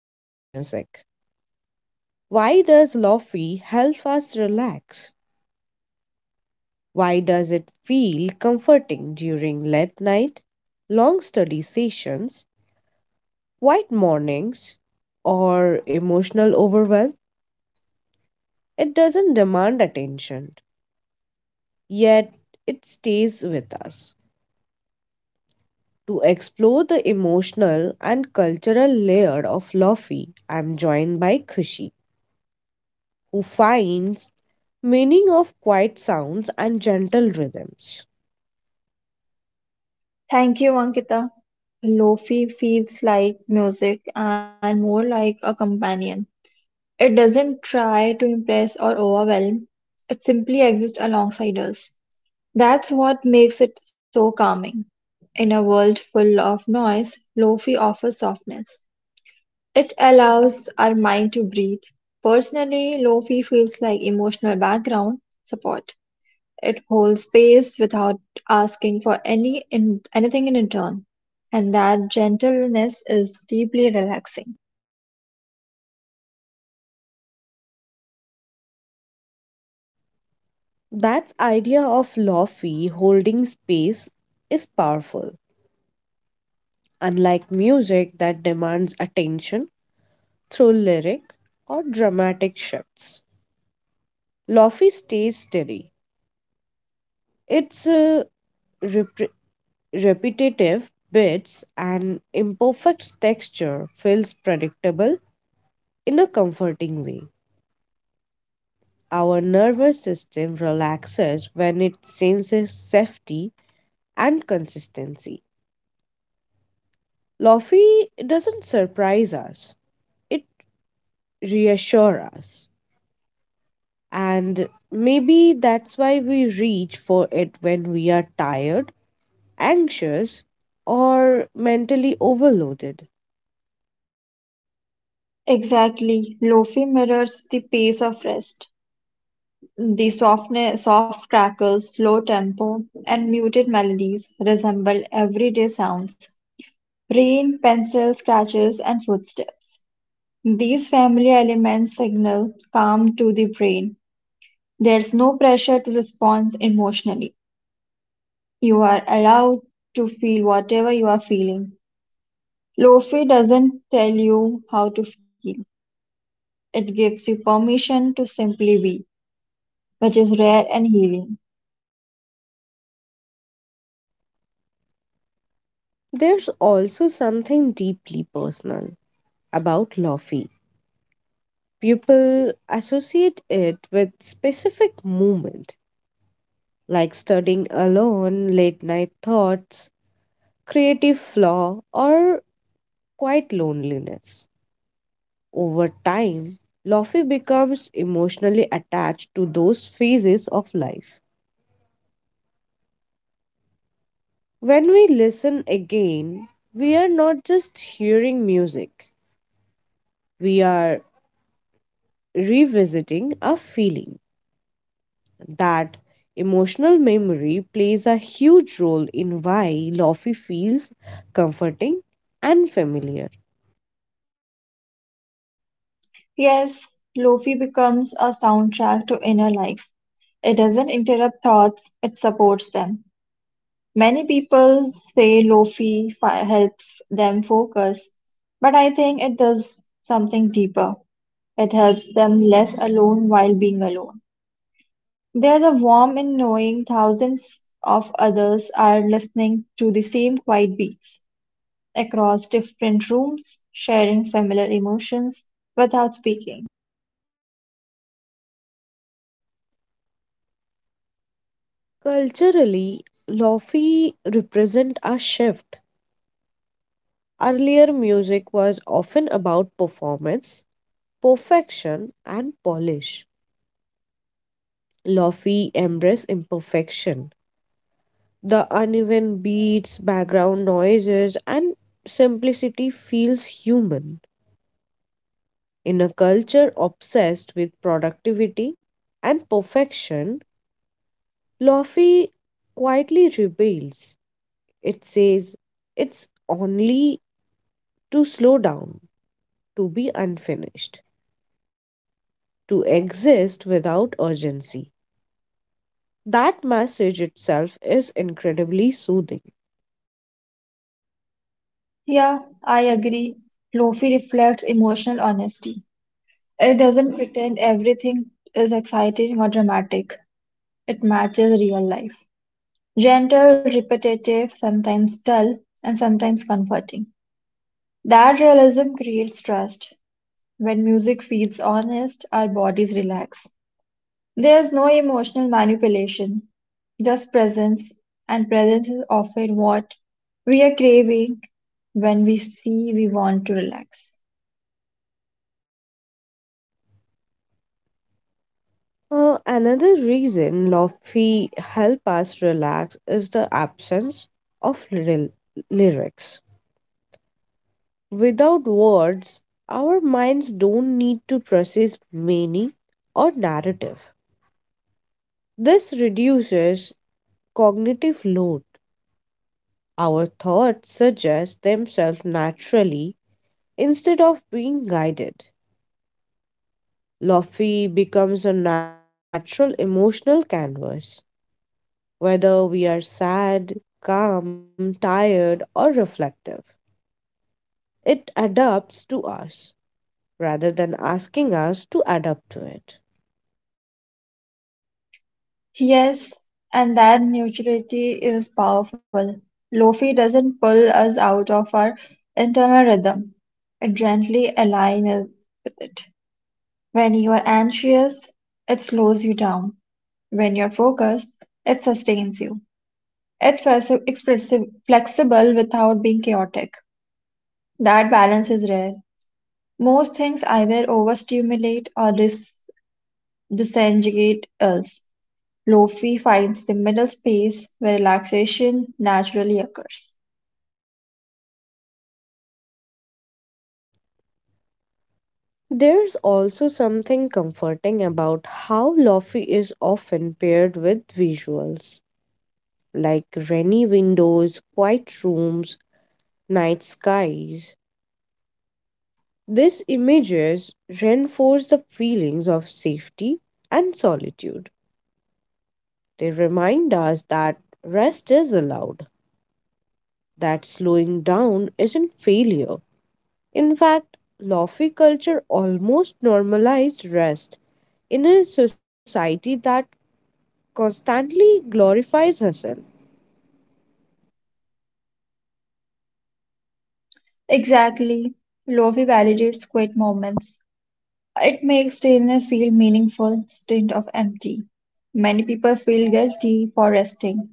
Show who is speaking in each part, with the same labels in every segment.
Speaker 1: Lofi music. Why does Lofi help us relax? Why does it feel comforting during late night, long study sessions, quiet mornings, or emotional overwhelm? It doesn't demand attention, yet it stays with us. To explore the emotional and cultural layer of Lofi, I'm joined by Khushi, who finds meaning of quiet sounds and gentle rhythms.
Speaker 2: Thank you, Ankita. Lofi feels like music and more like a companion. It doesn't try to impress or overwhelm, it simply exists alongside us. That's what makes it so calming. In a world full of noise, Lofi offers softness. It allows our mind to breathe. Personally, Lofi feels like emotional background support. It holds space without asking for any in, anything in return, and that gentleness is deeply relaxing.
Speaker 1: That idea of Lofi holding space is powerful. Unlike music that demands attention through lyric or dramatic shifts, Lofi stays steady. Its repetitive bits and imperfect texture feels predictable in a comforting way. Our nervous system relaxes when it senses safety and consistency. Lofi doesn't surprise us, it reassures us. And maybe that's why we reach for it when we are tired, anxious, or mentally overloaded.
Speaker 2: Exactly, Lofi mirrors the pace of rest. The softness, soft crackles, slow tempo, and muted melodies resemble everyday sounds rain, pencil scratches, and footsteps. These familiar elements signal calm to the brain. There's no pressure to respond emotionally. You are allowed to feel whatever you are feeling. Lofi doesn't tell you how to feel. It gives you permission to simply be, which is rare and healing.
Speaker 1: There's also something deeply personal about Lofi. People associate it with specific movement, like studying alone, late night thoughts, creative flaw, or quiet loneliness. Over time, Lofi becomes emotionally attached to those phases of life. When we listen again, we are not just hearing music, we are revisiting a feeling. That emotional memory plays a huge role in why Lofi feels comforting and familiar.
Speaker 2: Yes, Lofi becomes a soundtrack to inner life. It doesn't interrupt thoughts, it supports them. Many people say Lofi helps them focus, but I think it does something deeper. It helps them less alone while being alone. There's a warmth in knowing thousands of others are listening to the same quiet beats across different rooms, sharing similar emotions without speaking.
Speaker 1: Culturally, Lofi represent a shift. Earlier music was often about performance, perfection and polish. Lofi embrace imperfection. The uneven beats, background noises and simplicity feels human. In a culture obsessed with productivity and perfection, Lofi quietly rebels. It says it's only to slow down, to be unfinished, to exist without urgency. That message itself is incredibly soothing.
Speaker 2: Yeah, I agree. Lofi reflects emotional honesty. It doesn't pretend everything is exciting or dramatic, it matches real life. Gentle, repetitive, sometimes dull, and sometimes comforting. That realism creates trust. When music feels honest, our bodies relax. There's no emotional manipulation, just presence, and presence is often what we are craving when we see we want to relax.
Speaker 1: Another reason Lofi help us relax is the absence of lyrics. Without words, our minds don't need to process meaning or narrative. This reduces cognitive load. Our thoughts suggest themselves naturally instead of being guided. Lofi becomes a natural emotional canvas, whether we are sad, calm, tired, or reflective. It adapts to us rather than asking us to adapt to it.
Speaker 2: Yes, and that neutrality is powerful. Lofi doesn't pull us out of our internal rhythm, it gently aligns us with it. When you are anxious, it slows you down. When you're focused, it sustains you. It was expressive, flexible without being chaotic. That balance is rare. Most things either overstimulate or disengage us. Lofi finds the middle space where relaxation naturally occurs.
Speaker 1: There's also something comforting about how Lofi is often paired with visuals, like rainy windows, quiet rooms, night skies. These images reinforce the feelings of safety and solitude. They remind us that rest is allowed, that slowing down isn't failure. In fact, Lofi culture almost normalized rest in a society that constantly glorifies herself.
Speaker 2: Exactly. Lofi validates quiet moments. It makes stillness feel meaningful instead of empty. Many people feel guilty for resting,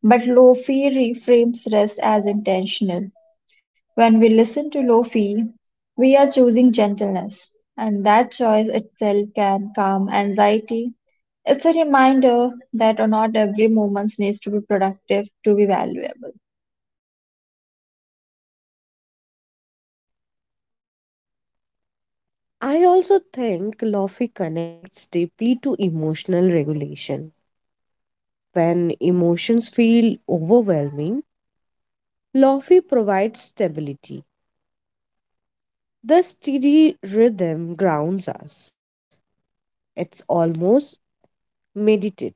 Speaker 2: but Lofi reframes rest as intentional. When we listen to Lofi, we are choosing gentleness, and that choice itself can calm anxiety. It's a reminder that not every moment needs to be productive to be valuable.
Speaker 1: I also think Lofi connects deeply to emotional regulation. When emotions feel overwhelming, Lofi provides stability. The steady rhythm grounds us. It's almost meditative.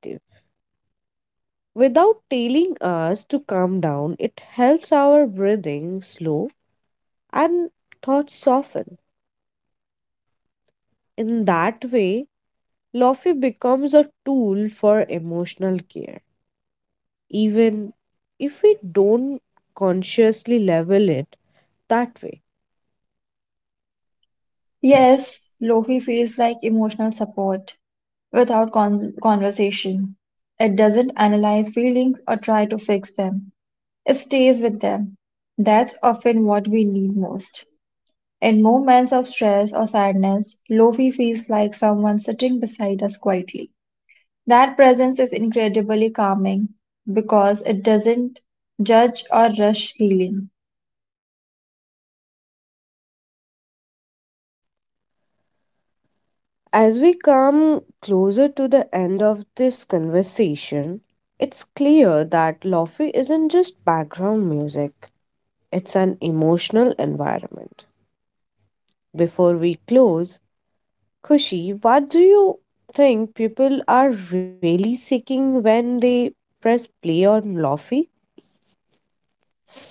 Speaker 1: Without telling us to calm down, it helps our breathing slow and thoughts soften. In that way, Lofty becomes a tool for emotional care, even if we don't consciously level it that way.
Speaker 2: Yes, Lofi feels like emotional support without conversation. It doesn't analyze feelings or try to fix them, it stays with them. That's often what we need most. In moments of stress or sadness, Lofi feels like someone sitting beside us quietly. That presence is incredibly calming because it doesn't judge or rush healing.
Speaker 1: As we come closer to the end of this conversation, it's clear that Lofi isn't just background music, it's an emotional environment. Before we close, Kushi, what do you think people are really seeking when they press play on Lofi?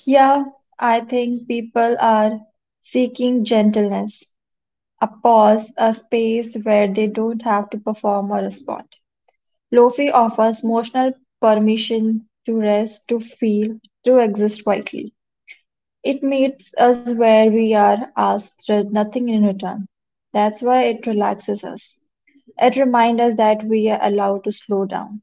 Speaker 2: Yeah, I think people are seeking gentleness, a pause, a space where they don't have to perform or respond. Lofi offers emotional permission to rest, to feel, to exist quietly. It meets us where we are, asks nothing in return. That's why it relaxes us. It reminds us that we are allowed to slow down.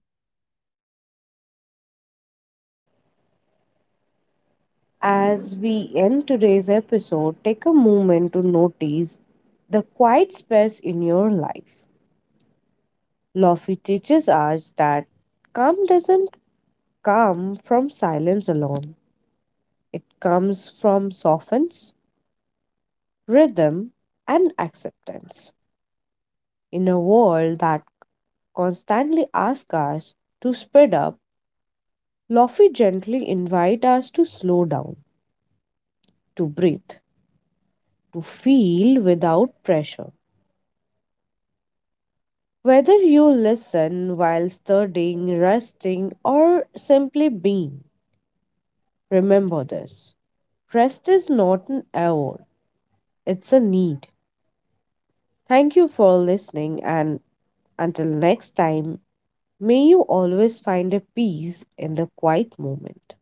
Speaker 1: As we end today's episode, take a moment to notice the quiet space in your life. Lofi teaches us that calm doesn't come from silence alone, it comes from softness, rhythm, and acceptance. In a world that constantly asks us to speed up, Lofi gently invites us to slow down, to breathe, to feel without pressure. Whether you listen while studying, resting, or simply being, remember this: rest is not an award, it's a need. Thank you for listening, and until next time, may you always find a peace in the quiet moment.